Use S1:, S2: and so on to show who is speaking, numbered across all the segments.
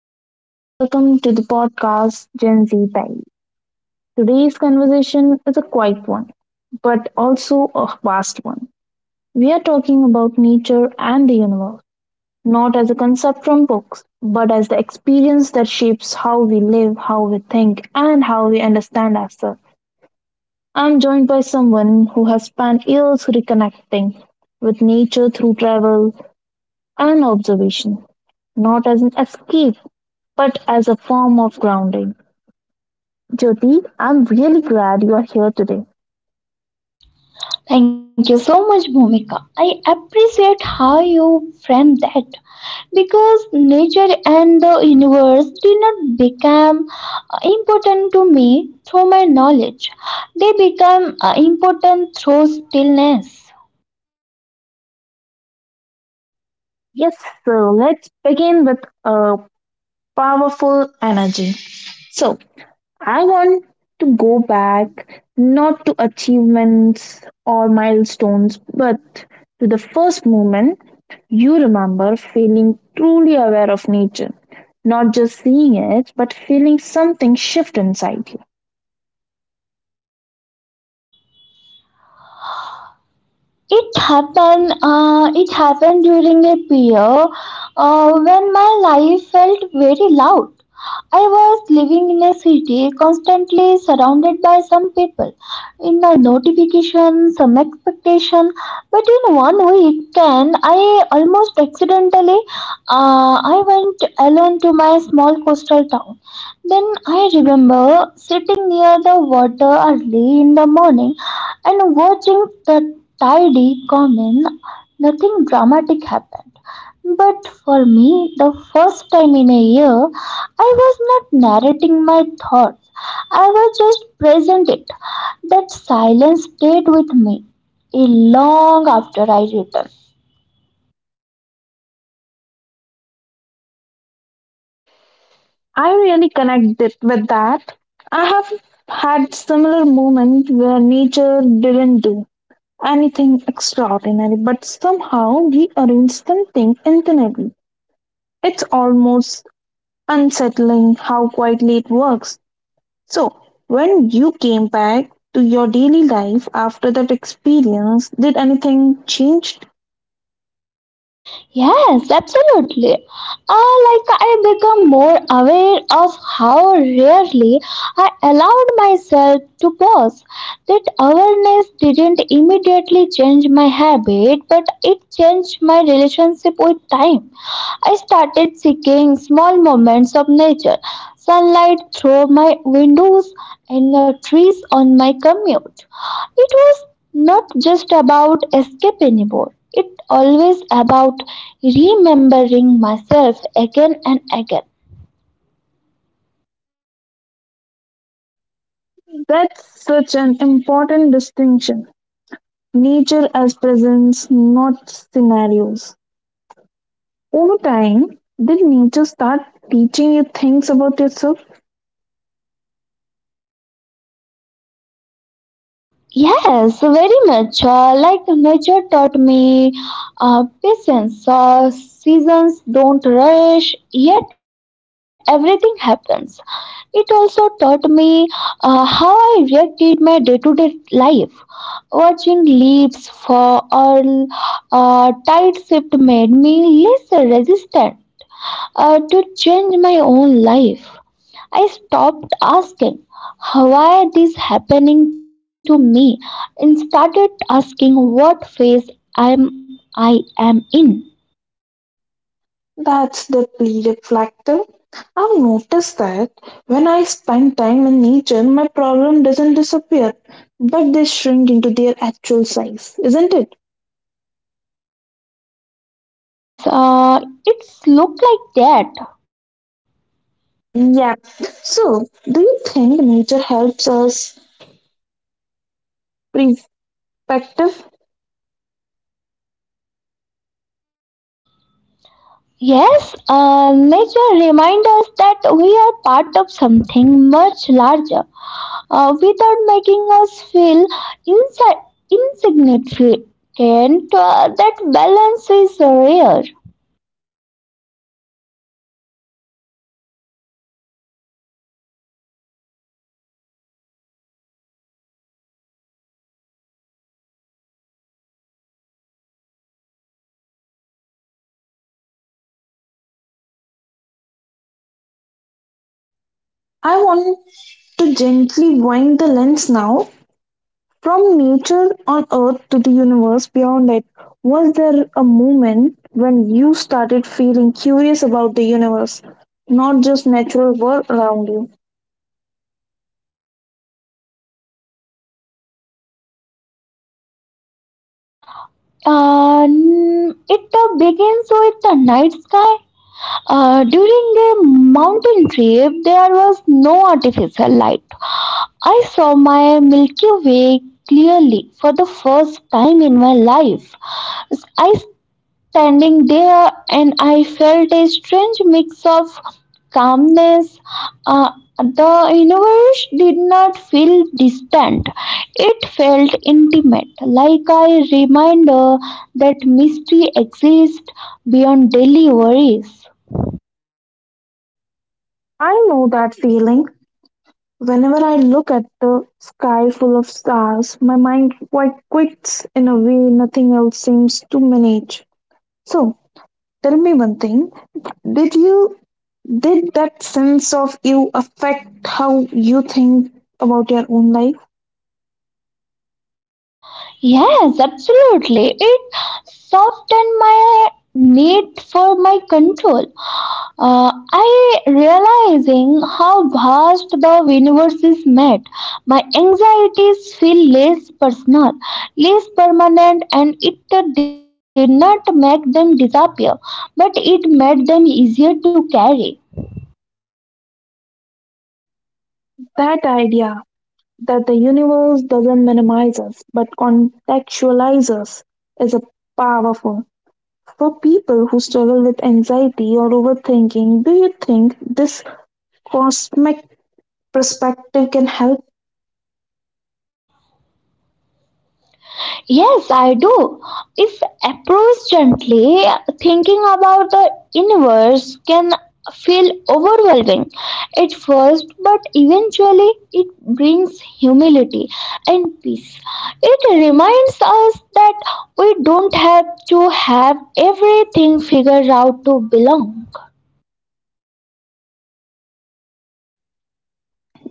S1: Hello and welcome to the podcast Gen Z Diary. Today's conversation is a quiet one, but also a vast one. We are talking about nature and the universe, not as a concept from books, but as the experience that shapes how we live, how we think, and how we understand ourselves. I'm joined by someone who has spent years reconnecting with nature through travel and observation, not as an escape, but as a form of grounding. Jyoti, I'm really glad you are here today.
S2: Thank you so much, Bhumika. I appreciate how you framed that because nature and the universe did not become important to me through my knowledge. They become important through stillness.
S1: Yes, so let's begin with a powerful energy. So, I want to go back not to achievements or milestones, but to the first moment you remember feeling truly aware of nature. Not just seeing it, but feeling something shift inside you.
S2: It happened. It happened during a year when my life felt very loud. I was living in a city constantly surrounded by some people, in a notification, some expectation. But in one weekend, I almost accidentally, I went alone to my small coastal town. Then I remember sitting near the water early in the morning and watching the tidy come in. Nothing dramatic happened. But for me, the first time in a year, I was not narrating my thoughts. I was just present it. That silence stayed with me a long after I returned.
S1: I really connect it with that. I have had similar moments where nature didn't do anything extraordinary, but somehow rearranged something internally. It's almost unsettling how quietly it works. So, when you came back to your daily life after that experience, did anything change?
S2: Yes, absolutely. Like I become more aware of how rarely I allowed myself to pause. That awareness didn't immediately change my habit, but it changed my relationship with time. I started seeking small moments of nature, sunlight through my windows, and the trees on my commute. It was not just about escape anymore. It always about remembering myself again and again.
S1: That's such an important distinction. Nature as presence, not scenarios. Over time, did nature start teaching you things about yourself?
S2: Yes, very much. Like nature taught me patience. Seasons don't rush, yet everything happens. It also taught me how I reacted my day to day life. Watching leaves fall or tide shift made me less resistant. To change my own life. I stopped asking, why is this happening to me? And started asking what phase I am in.
S1: That's deeply reflective. I've noticed that when I spend time in nature, my problem doesn't disappear, but they shrink into their actual size, isn't it?
S2: Yes, it's look like that.
S1: Yep. So, do you think nature helps us perspective?
S2: Yes, nature reminds us that we are part of something much larger, without making us feel insi- insignificant. That balance is rare.
S1: I want to gently wind the lens now from nature on Earth to the universe beyond it, was there a moment when you started feeling curious about the universe, not just natural world around you?
S2: It begins with the night sky. During a mountain trip, there was no artificial light. I saw my Milky Way clearly for the first time in my life. I standing there, and I felt a strange mix of calmness. Uh, the universe did not feel distant, it felt intimate, like a reminder that mystery exists beyond daily worries.
S1: I know that feeling. Whenever I look at the sky full of stars, my mind quite quits in a way nothing else seems to manage. So, tell me one thing. Did you did that sense of you affect how you think about your own life?
S2: Yes, absolutely. It softened my need for my control. I realizing how vast the universe is made. My anxieties feel less personal, less permanent, and it did not make them disappear, but it made them easier to carry.
S1: That idea that the universe doesn't minimize us but contextualizes us is a powerful. For people who struggle with anxiety or overthinking, do you think this cosmic perspective can help?
S2: Yes, I do. If approached gently, thinking about the universe can feel overwhelming at first, but eventually it brings humility and peace. It reminds us that we don't have to have everything figured out to belong.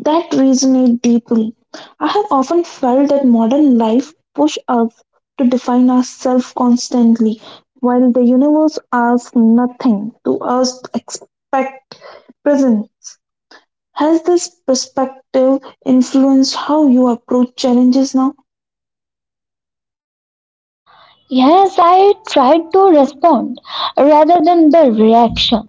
S1: That resonate deeply. I have often felt that modern life push us to define ourselves constantly, while the universe asks nothing to us to expect present. Has this perspective influenced how you approach challenges now?
S2: Yes, I tried to respond rather than the reaction.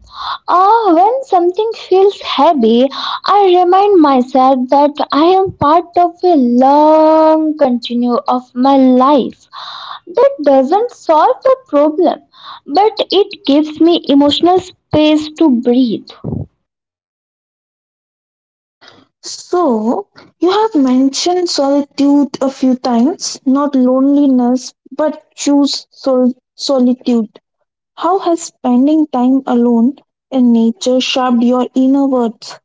S2: When something feels heavy, I remind myself that I am part of a long continuum of my life. That doesn't solve the problem, but it gives me emotional space to breathe.
S1: So, you have mentioned solitude a few times, not loneliness, but choose solitude. How has spending time alone in nature shaped your inner worth?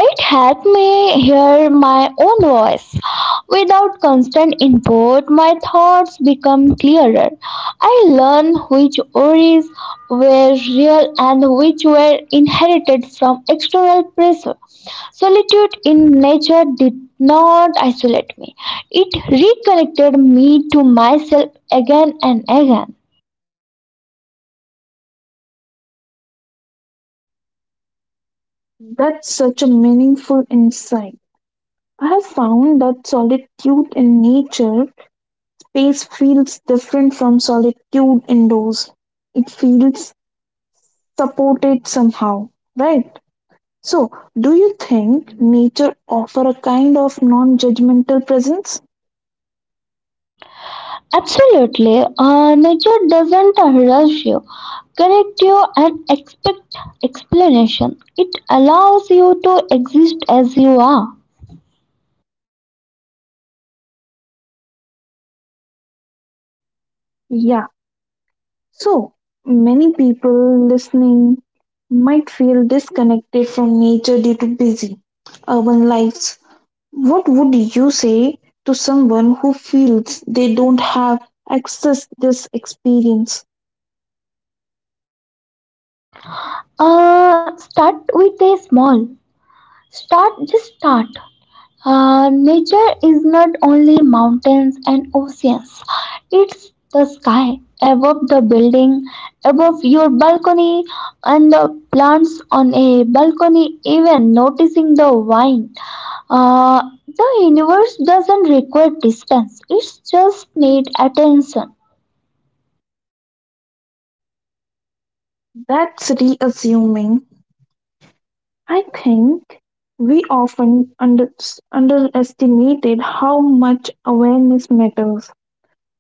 S2: It helped me hear my own voice. Without constant input, my thoughts become clearer. I learned which worries were real and which were inherited from external pressure. Solitude in nature did not isolate me, it reconnected me to myself again and again.
S1: That's such a meaningful insight. I have found that solitude in nature space feels different from solitude indoors. It feels support it somehow, right? So, do you think nature offer a kind of non-judgmental presence?
S2: Absolutely, nature doesn't rush you. Correctio and expect explanation. It allows you to exist as you are.
S1: Yeah, so many people listening might feel disconnected from nature due to busy urban lives. What would you say to someone who feels they don't have access this experience?
S2: Start with a small. Start, just start. Nature is not only mountains and oceans, it's the sky above the building, above your balcony, and the plants on a balcony, even noticing the vine. Uh, the universe doesn't require distance, it just needs attention.
S1: That's reassuming. I think we often underestimated how much awareness matters.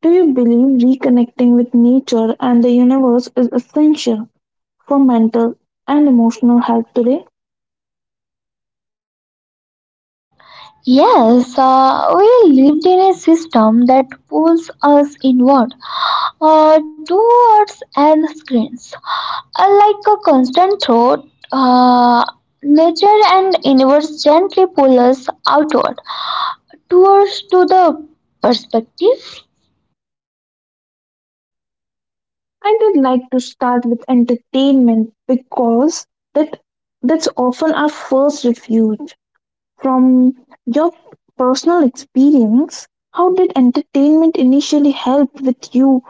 S1: Do you believe reconnecting with nature and the universe is essential for mental and emotional health today?
S2: Yes, we lived in a system that pulls us inward towards and screens. Like a constant throat, nature and universe gently pull us outward towards to the perspective
S1: I did like to start with entertainment because that that's often our first refuge. From your personal experience, how did entertainment initially help with you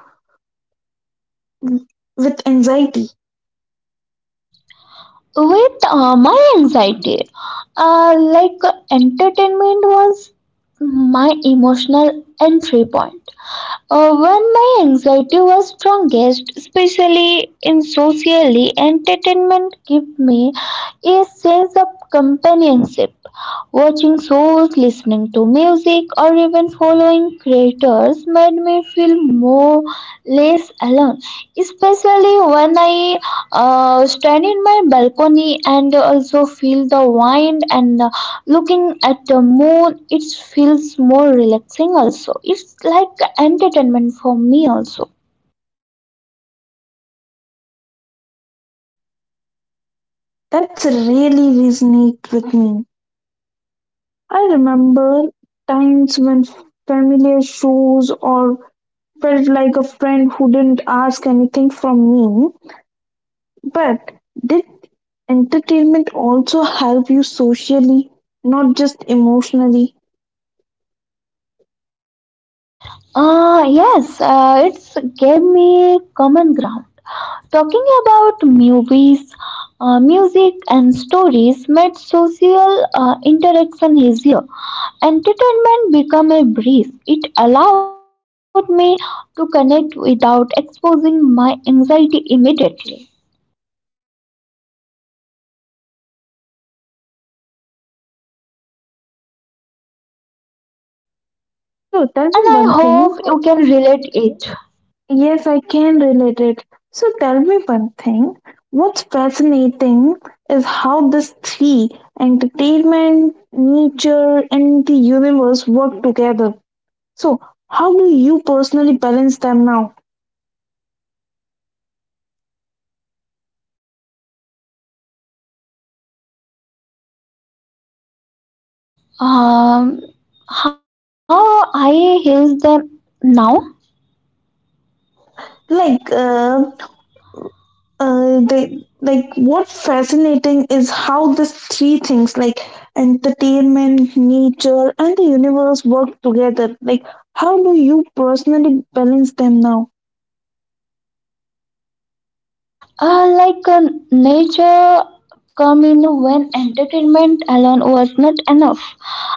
S1: with anxiety?
S2: with my anxiety. Like entertainment was my emotional entry point. When my anxiety was strongest, especially in socially, entertainment gave me a sense of companionship. Watching shows, listening to music, or even following creators made me feel more less alone. Especially when I stand in my balcony and also feel the wind and looking at the moon, it feels more relaxing also. It's like entertainment for me also.
S1: That's really resonate with me. I remember times when familiar shows or felt like a friend who didn't ask anything from me. But did entertainment also help you socially, not just emotionally?
S2: Yes, it's gave me common ground. Talking about movies, music, and stories made social interaction easier. Entertainment became a breeze. It allowed me to connect without exposing my anxiety immediately.
S1: So tell me
S2: And I
S1: one thing.
S2: hope you can relate it.
S1: Yes, I can relate it. So tell me one thing. What's fascinating is how these three, entertainment, nature, and the universe work together. So, how do you personally balance them now?
S2: Um, how I heals them now?
S1: Uh, like, uh, like what fascinating is how these three things, like entertainment, nature, and the universe work together. Like, how do you personally balance them now?
S2: Uh, like uh, Nature come in when entertainment alone was not enough.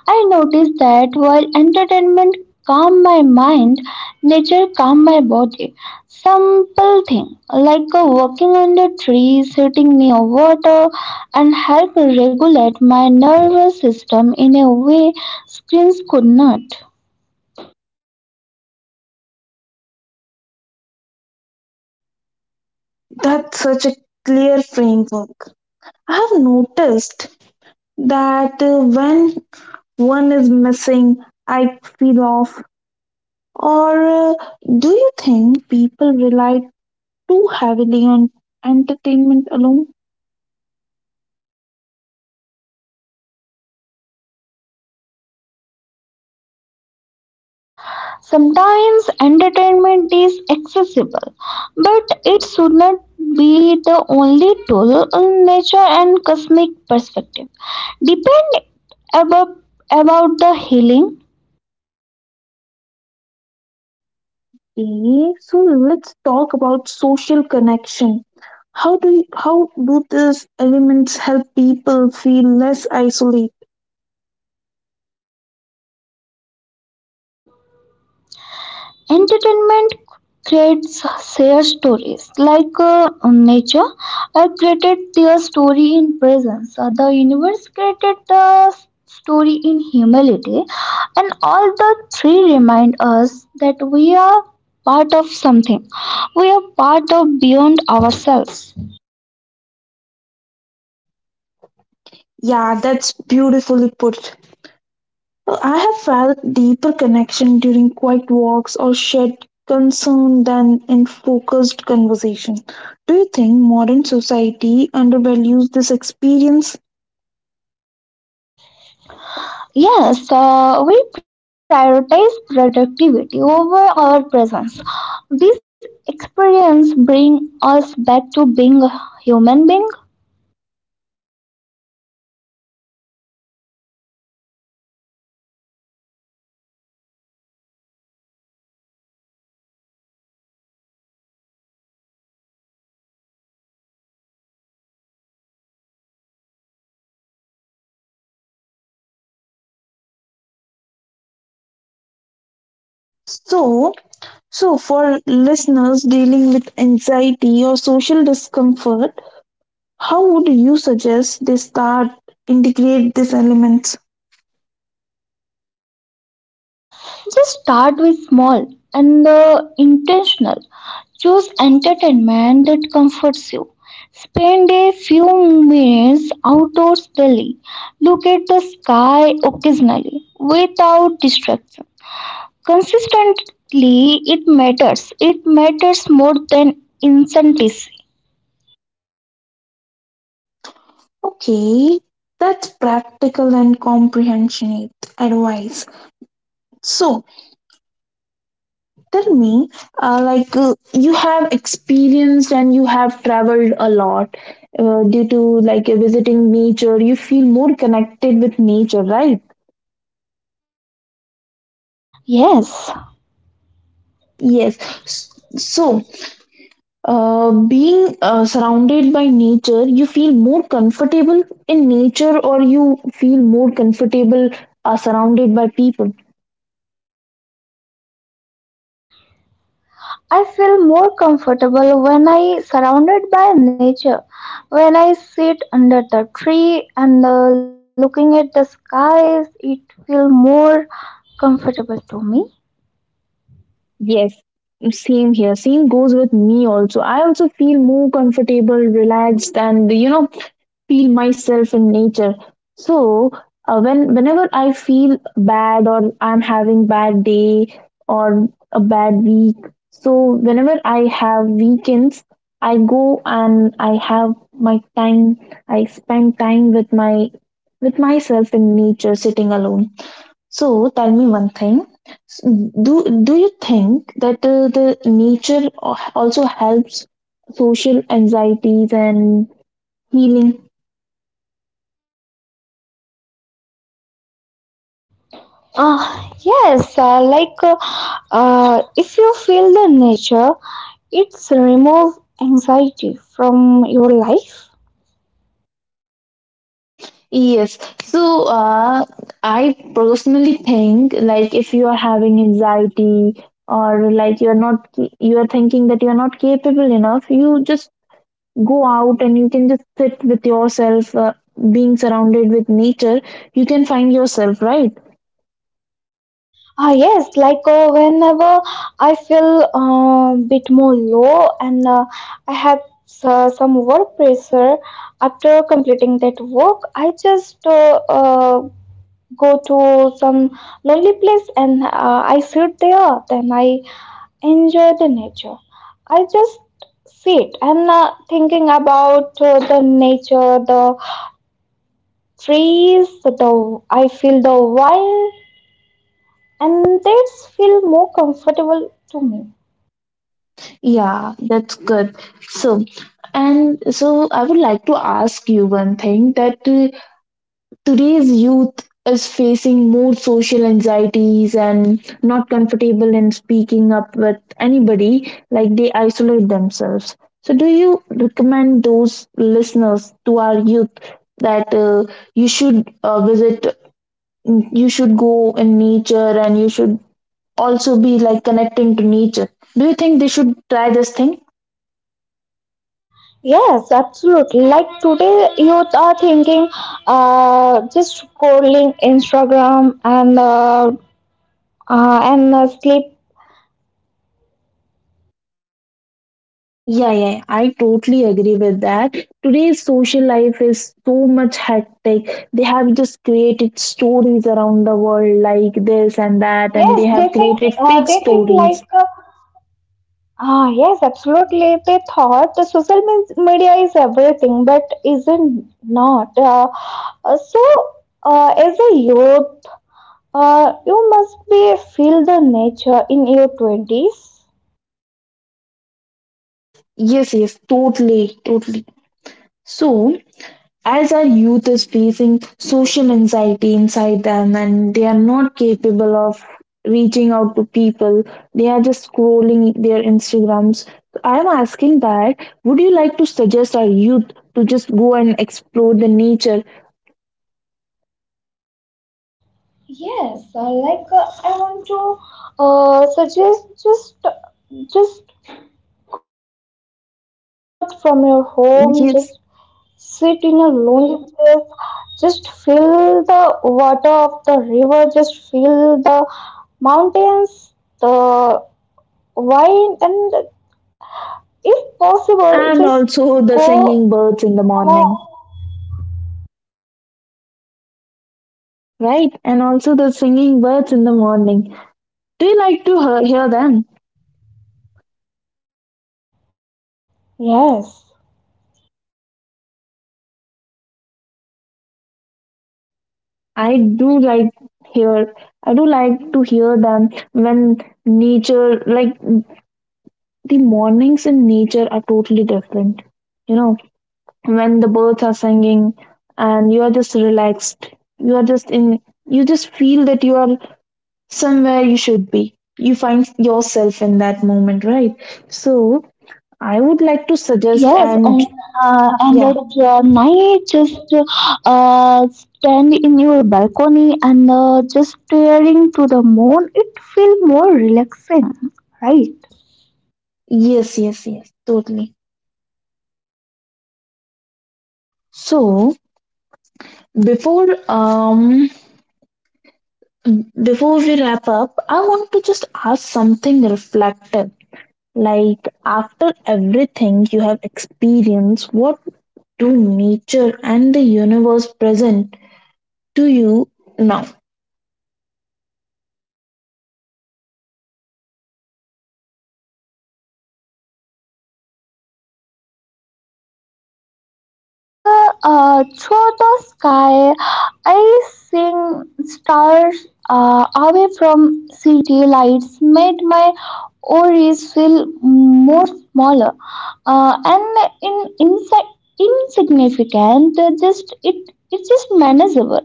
S2: I noticed that while entertainment calm my mind, nature calm my body. Simple thing like walking under trees, sitting near water, and help regulate my nervous system in a way screens could not.
S1: That's such a clear framework. I have noticed that when one is missing, I feel off. Or do you think people rely too heavily on entertainment alone?
S2: Sometimes entertainment is accessible, but it should not be the only tool in nature and cosmic perspective. Depend about, about the healing.
S1: Okay, so let's talk about social connection. How do these elements help people feel less isolated?
S2: Entertainment creates their stories like nature created their story in presence. The universe created the s- story in humility, and all the three remind us that we are part of something, we are part of beyond ourselves.
S1: Yeah, that's beautifully put. Well, I have felt deeper connection during quiet walks or shared concern than in focused conversation. Do you think modern society undervalues this experience?
S2: Yes, we prioritize productivity over our presence. These experience bring us back to being a human being.
S1: So, so for listeners dealing with anxiety or social discomfort, how would you suggest they start integrate these elements?
S2: Just start with small and the intentional. Choose entertainment that comforts you. Spend a few minutes outdoors daily. Look at the sky occasionally without distraction. Consistently, it matters. It matters more than incentive.
S1: Okay, that's practical and comprehensionate advice. So, tell me you have experienced and you have traveled a lot, due to like visiting nature you feel more connected with nature, right?
S2: Yes.
S1: Yes. S- so, being surrounded by nature you feel more comfortable in nature, or you feel more comfortable surrounded by people?
S2: I feel more comfortable when I surrounded by nature. When I sit under the tree and looking at the skies, it feel more comfortable to me.
S1: Yes, same here, same goes with me also. I also feel more comfortable, relaxed, and you know, feel myself in nature. So, whenever I feel bad, or I'm having bad day, or a bad week, so whenever I have weekends, I go and I have my time. I spend time with my with myself in nature, sitting alone. So tell me one thing. S- do do you think that the nature also helps social anxieties and healing?
S2: Yes, if you feel the nature, it's remove anxiety from your life.
S1: Yes. So, I personally think like if you are having anxiety, or like you're not, you are thinking that you're not capable enough, you just go out and you can just sit with yourself, being surrounded with nature, you can find yourself, right?
S2: Ah, yes, whenever I feel a bit more low and I have some work pressure after completing that work, I just go to some lonely place and I sit there. Then I enjoy the nature. I just sit and thinking about the nature, the trees, the I feel the wind and that's feel more comfortable to me.
S1: Yeah, that's good. So, and so I would like to ask you one thing, that today's youth is facing more social anxieties and not comfortable in speaking up with anybody, like they isolate themselves. So, do you recommend those listeners to our youth that you should you should go in nature, and you should also be like connecting to nature? Do you think they should try this thing?
S2: Yes, absolutely. Like today, youth are thinking, just scrolling Instagram and sleep.
S1: Yeah, yeah, yeah, I totally agree with that. Today's social life is so much hectic. They have just created stories around the world like this and that, and
S2: Yes,
S1: they have created fake
S2: they think like
S1: stories.
S2: uh, ah yes, absolutely. They thought the social media is everything, but isn't not. Uh, so, as a youth, you must be feel the nature in your twenties.
S1: Yes, yes, totally, totally. So, as our youth is facing social anxiety inside them and they are not capable of reaching out to people, they are just scrolling their Instagrams. So I am asking, that would you like to suggest our youth to just go and explore the nature?
S2: Yes, I want to suggest just go out from your home, just sit in
S1: Yes,
S2: a lonely place, just feel the water of the river, just feel the mountains, the wine, and if possible, just
S1: and also
S2: go
S1: the singing birds in the
S2: alone.
S1: morning. Right, and also the singing birds in the morning, do you like to hear them?
S2: Yes.
S1: I do like hear I do like to hear them when nature like the mornings in nature are totally different. You know, when the birds are singing and you are just relaxed. You are just in you just feel that you are somewhere you should be. You find yourself in that moment, right? So I would like to suggest,
S2: Yes,
S1: and
S2: and uh, and
S1: yeah,
S2: at uh, night, just stand in your balcony and just staring to the moon. It feel more relaxing, right?
S1: yes, yes, yes, totally. So before before we wrap up, I want to just ask something reflective. Like, after everything you have experienced, what do nature and the universe present to you now?
S2: Through the sky, I sing stars away from city lights made my worries feel more smaller and inside insignificant. Just it's just manageable,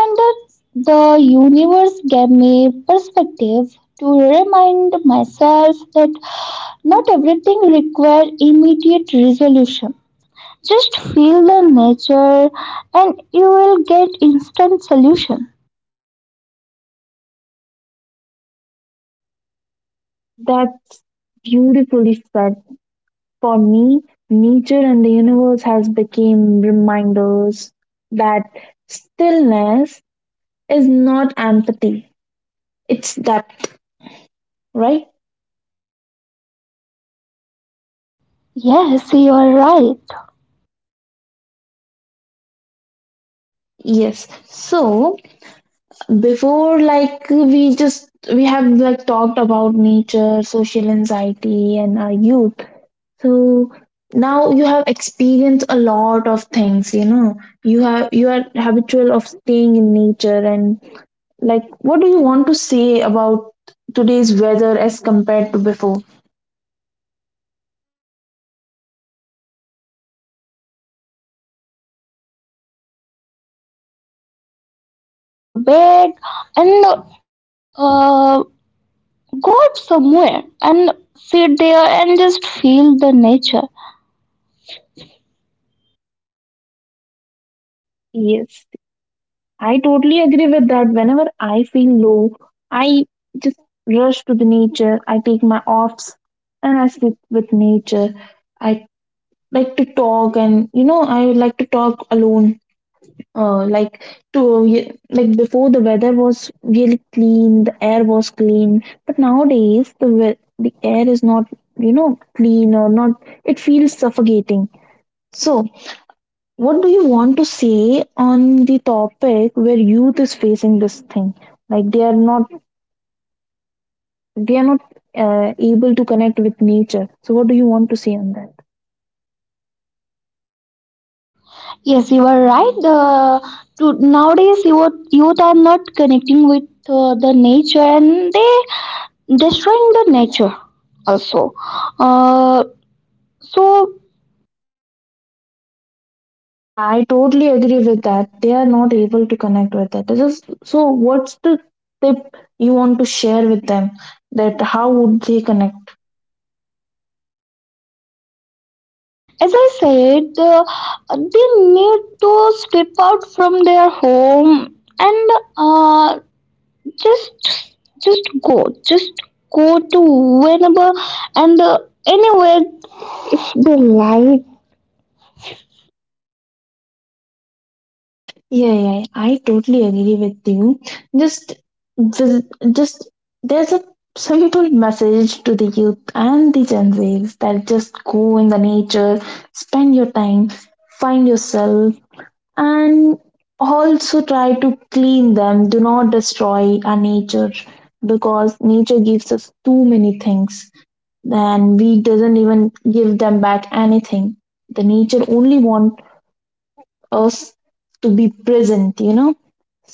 S2: and the universe gave me perspective to remind myself that not everything requires immediate resolution. Just feel the nature and you will get instant solution.
S1: That's beautifully said. For me, nature and the universe has become reminders that stillness is not empathy, it's depth, right?
S2: Yes, you are right.
S1: Yes. So, before, we have like talked about nature, social anxiety, and our youth. So now you have experienced a lot of things. You know, you are habitual of staying in nature, and like, what do you want to say about today's weather as compared to before?
S2: Um, just step out from your home, pack your bag, and uh, go out somewhere and sit there and just feel the nature.
S1: Yes, I totally agree with that. Whenever I feel low, I just rush to the nature. I take my offs and I sit with nature. I like to talk, and you know, I would like to talk alone, uh, like to like before the weather was really clean, the air was clean, but nowadays the air is not, you know, clean or not, it feels suffocating. So what do you want to say on the topic where youth is facing this thing, like they are not able to connect with nature? So what do you want to say on that?
S2: Yes, you are right. Nowadays, youth are not connecting with the nature and they destroying the nature also. Uh, So,
S1: Yeah, I totally agree with that. They are not able to connect with that. This is, so, what's the tip you want to share with them? That how would they connect?
S2: as I said, they need to step out from their home and uh, just just go, just go to whenever and anywhere they like.
S1: Yeah, yeah, I totally agree with you. Just, vis- just there's a simple message to the youth and the Gen Zs, that just go in the nature, spend your time, find yourself, and also try to clean them, do not destroy our nature, because nature gives us too many things and we doesn't even give them back anything. The nature only want us to be present, you know.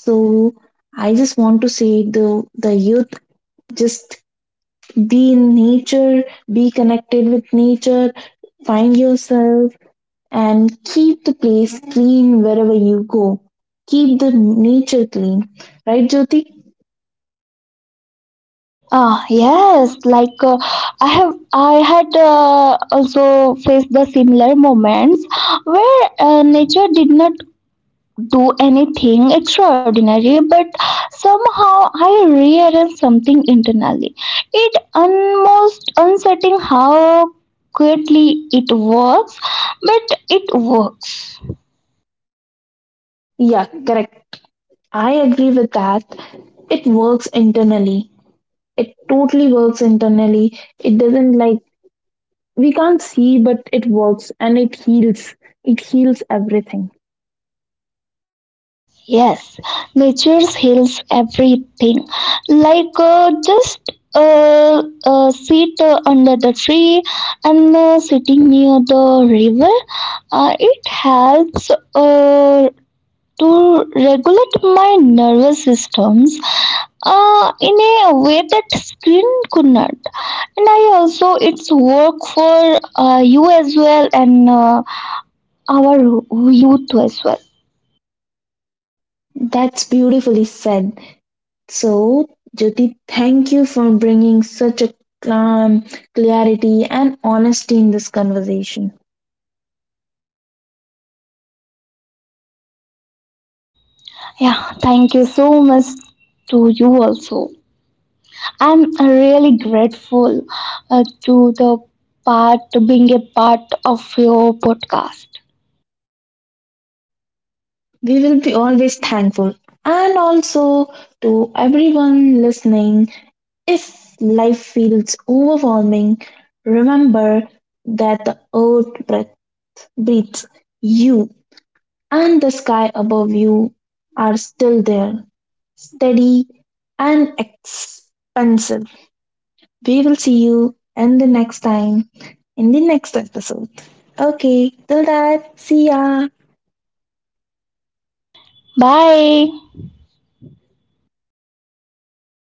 S1: So I just want to say, the the youth, just be in nature, be connected with nature, find yourself, and keep the place clean wherever you go. Keep the nature clean. Right, Jyoti?
S2: Ah yes, I had also faced the similar moments where nature did not do anything extraordinary, but somehow I rearrange something internally. It almost uncertain how quickly it works, but it works.
S1: Yeah, correct. I agree with that. It works internally. It totally works internally. It doesn't like, we can't see, but it works and it heals. It heals everything.
S2: Yes, nature heals everything. Like just sit under the tree and sitting near the river, it helps to regulate my nervous systems in a way that screen could not. And I also, it's work for you as well and our youth as well.
S1: That's beautifully said. So, Jyoti, thank you for bringing such a calm, clarity, and honesty in this conversation.
S2: Yeah, thank you so much to you also. I'm really grateful to the part, being a part of your podcast.
S1: We will be always thankful. And also to everyone listening, if life feels overwhelming, remember that the earth breath breathes you and the sky above you are still there, steady and expansive. We will see you in the next time in the next episode. Okay, till that, see ya.
S2: Bye.